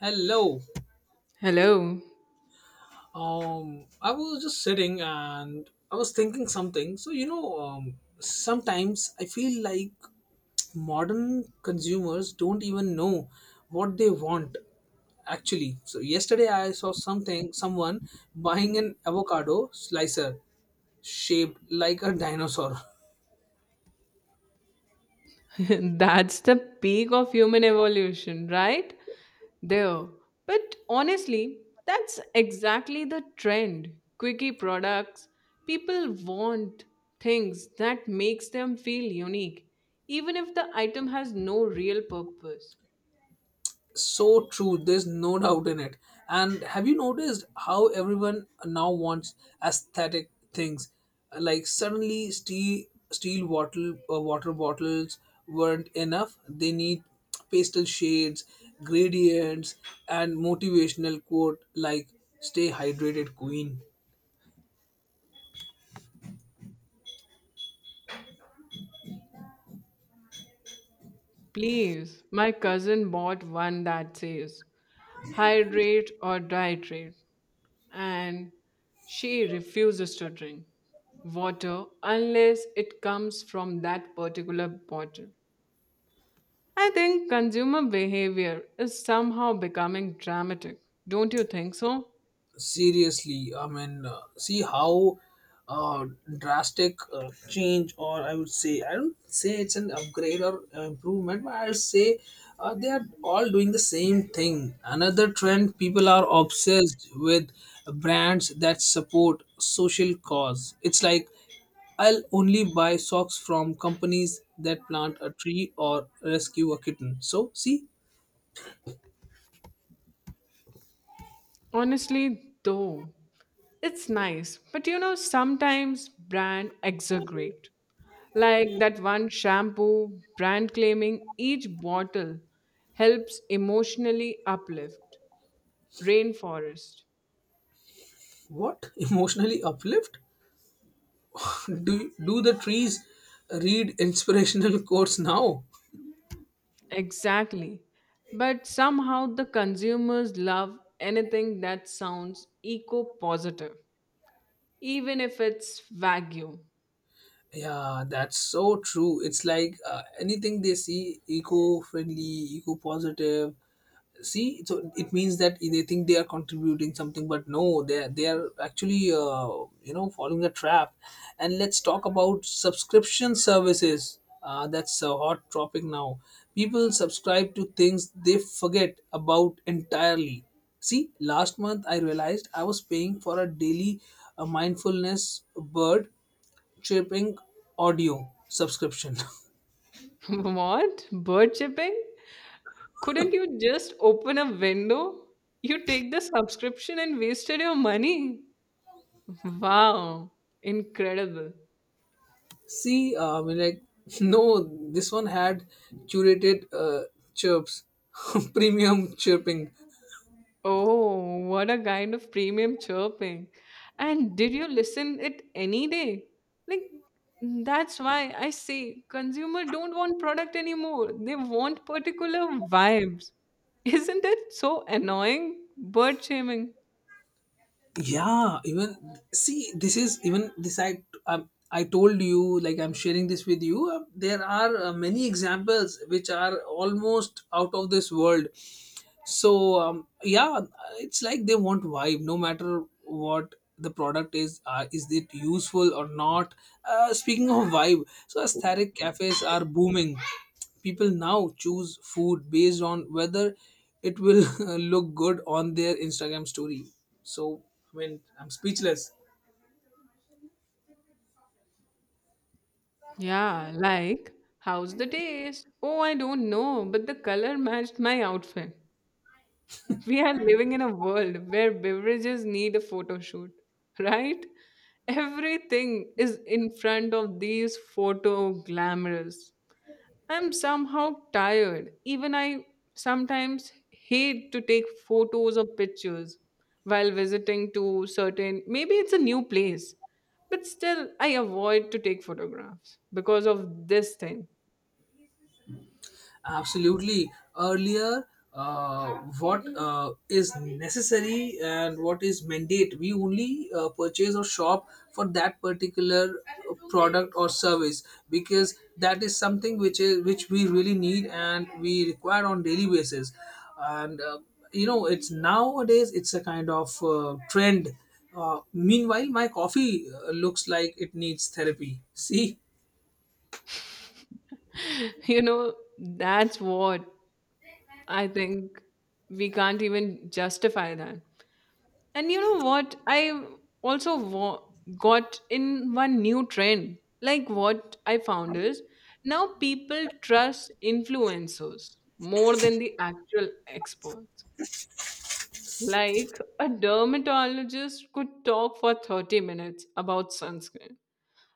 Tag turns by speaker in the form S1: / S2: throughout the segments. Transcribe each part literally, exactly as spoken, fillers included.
S1: Hello.
S2: Hello.
S1: Um, I was just sitting and I was thinking something. So, you know, um, sometimes I feel like modern consumers don't even know what they want actually. So, yesterday I saw something, someone buying an avocado slicer shaped like a dinosaur.
S2: That's the peak of human evolution, right? There. But honestly, that's exactly the trend. Quickie products. People want things that makes them feel unique, even if the item has no real purpose.
S1: So true, there's no doubt in it. And have you noticed how everyone now wants aesthetic things? Like, suddenly steel steel bottle uh, water bottles weren't enough, they need pastel shades, gradients and motivational quote like stay hydrated queen.
S2: Please, my cousin bought one that says hydrate or dihydrate. and she refuses to drink water unless it comes from that particular bottle. I think consumer behavior is somehow becoming dramatic. Don't you think so?
S1: Seriously, i mean uh, see how uh, drastic uh, change, or I would say, I don't say it's an upgrade or uh, improvement, but I'll say uh, they are all doing the same thing. Another trend people are obsessed with, brands that support social cause. It's like, I'll only buy socks from companies that plant a tree or rescue a kitten. So see.
S2: Honestly, though, it's nice, but you know, sometimes brand exaggerate. Like that one shampoo brand claiming each bottle helps emotionally uplift rainforest.
S1: What? Emotionally uplift? do do the trees read inspirational quotes now?
S2: Exactly. But somehow the consumers love anything that sounds eco positive, even if it's Wagyu.
S1: Yeah, that's so true. It's like uh, anything they see eco-friendly, eco-positive. See, so it means that they think they are contributing something, but no, they are- they are actually, uh, you know, following a trap. And let's talk about subscription services. Uh, that's a hot topic now. People subscribe to things they forget about entirely. See, last month I realized I was paying for a daily uh, mindfulness bird tripping audio subscription.
S2: What? Bird shipping? Couldn't you just open a window? You take the subscription and wasted your money. Wow, incredible.
S1: See, uh, I mean, like, no, this one had curated uh, chirps, premium chirping.
S2: Oh, what a kind of premium chirping. And did you listen it any day? Like mm, that's why I say consumer don't want product anymore. They want particular vibes. Isn't it so annoying? Bird shaming.
S1: Yeah, even, see, this is even this, i um, I told you, like, I'm sharing this with you. Uh, there are uh, many examples which are almost out of this world. So um, yeah, it's like they want vibe no matter what the product is. Uh, is it useful or not? Uh, speaking of vibe, so aesthetic cafes are booming. People now choose food based on whether it will look good on their Instagram story. So, I mean, I'm speechless.
S2: Yeah, like how's the taste? Oh, I don't know, but the color matched my outfit. We are living in a world where beverages need a photo shoot, right? Everything is in front of these photo glamorous. I'm somehow tired. Even I sometimes hate to take photos or pictures while visiting to certain maybe it's a new place, but still I avoid to take photographs because of this thing.
S1: Absolutely. Earlier, uh, what uh, is necessary and what is mandate, we only uh, purchase or shop for that particular uh, product or service, because that is something which is which we really need and we require on daily basis. And uh, you know, it's nowadays, it's a kind of uh, trend. Uh, meanwhile, my coffee uh, looks like it needs therapy. See.
S2: You know, that's what I think. We can't even justify that. And you know what? I also wa- got in one new trend. Like what I found is now people trust influencers more than the actual experts. Like a dermatologist could talk for thirty minutes about sunscreen,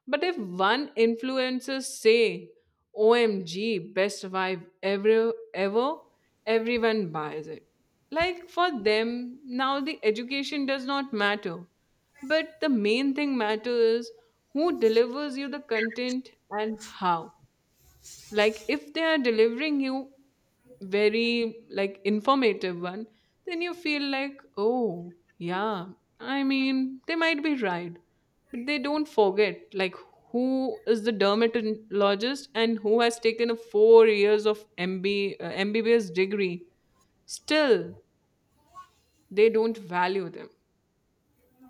S2: but if one influencer say, O M G, best vibe ever ever, everyone buys it. Like for them, now the education does not matter. But the main thing matters is who delivers you the content and how. Like if they are delivering you very like informative one, then you feel like, oh yeah, I mean they might be right, but they don't forget like who is the dermatologist and who has taken a four years of mb uh, mbbs degree. Still they don't value them.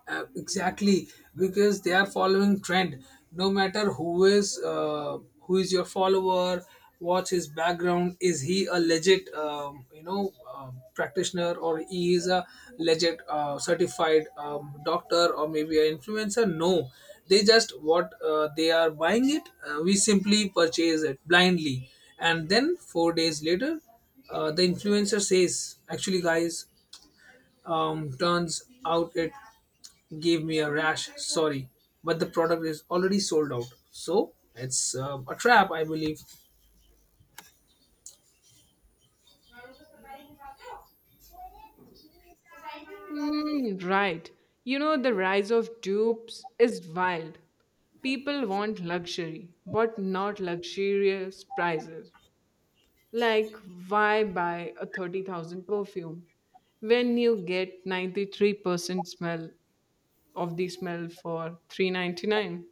S1: Uh, exactly, because they are following trend no matter who is, uh, who is your follower, what's his background, is he a legit um, you know, uh, practitioner, or he is a legit uh, certified um, doctor, or maybe an influencer? No, they just what, uh, they are buying it, uh, we simply purchase it blindly. And then four days later, uh, the influencer says, actually guys, um, turns out it gave me a rash. Sorry, but the product is already sold out. So it's uh, a trap, I believe.
S2: Mm, right. You know, the rise of dupes is wild. People want luxury, but not luxurious prices. Like, why buy a thirty thousand perfume when you get ninety-three percent smell of the smell for three ninety-nine?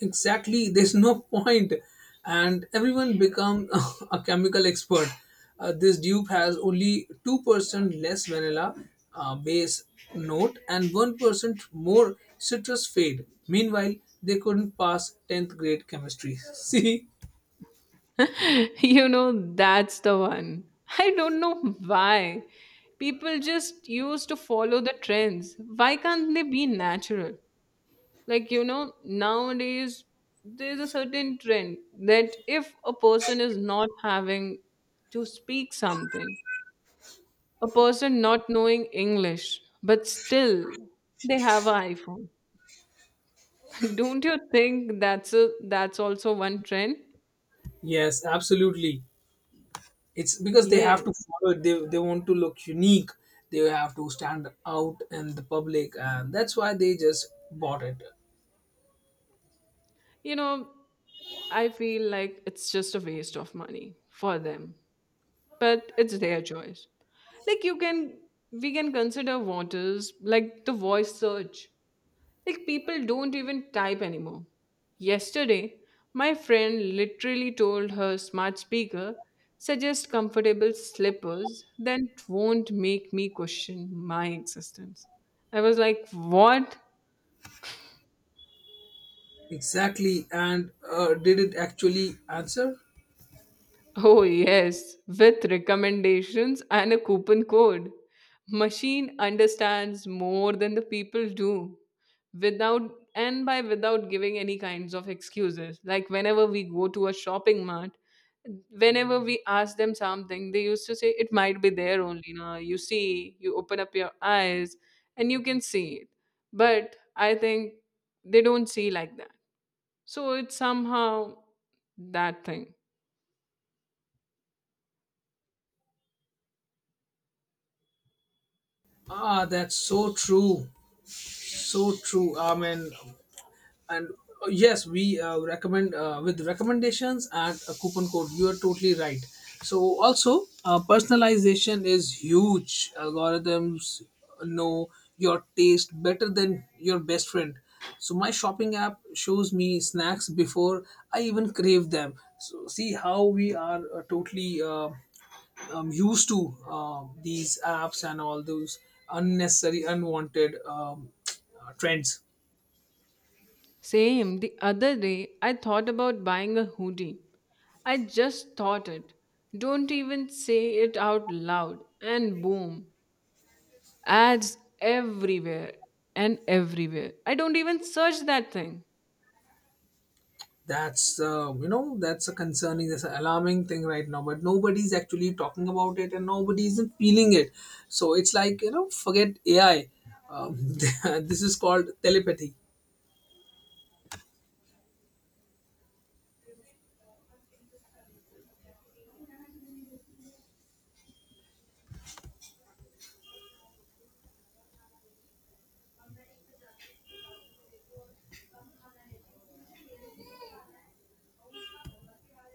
S1: Exactly, there's no point, and everyone become a chemical expert. Uh, this dupe has only two percent less vanilla uh, base note and one percent more citrus fade. Meanwhile, they couldn't pass tenth grade chemistry. See,
S2: You know, that's the one. I don't know why. People just used to follow the trends. Why can't they be natural? Like you know nowadays there's a certain trend that if a person is not having to speak something, a person not knowing English but still they have an iPhone. Don't you think that's a that's also one trend?
S1: yes, absolutely. It's because they
S2: Yeah,
S1: have to follow it. They, they want to look unique. They have to stand out in the public, and that's why they just bought it.
S2: you know, I feel like it's just a waste of money for them, but it's their choice. Like you can, we can consider what is like the voice search. Like people don't even type anymore. Yesterday, my friend literally told her smart speaker, suggest comfortable slippers that won't make me question my existence. I was like, what?
S1: Exactly. And uh, did it actually answer?
S2: Oh, yes, with recommendations and a coupon code. Machine understands more than the people do without, and by without giving any kinds of excuses. Like whenever we go to a shopping mart, whenever we ask them something, they used to say it might be there only. Now you see, you open up your eyes and you can see it. But I think they don't see like that. So it's somehow that thing.
S1: Ah, that's so true. So true. I mean, and uh, yes, we, uh, recommend, uh, with recommendations and a coupon code, you are totally right. So also, uh, personalization is huge. Algorithms know your taste better than your best friend. So my shopping app shows me snacks before I even crave them. So see how we are uh, totally uh, um, used to uh, these apps and all those unnecessary unwanted um, trends.
S2: Same, the other day I thought about buying a hoodie. I just thought it. Don't even say it out loud. And boom, ads everywhere and everywhere. I don't even search that thing.
S1: That's uh, you know, that's a concerning, that's an alarming thing right now. But nobody's actually talking about it, and nobody isn't feeling it. So it's like, you know, forget A I. Um, this is called telepathy.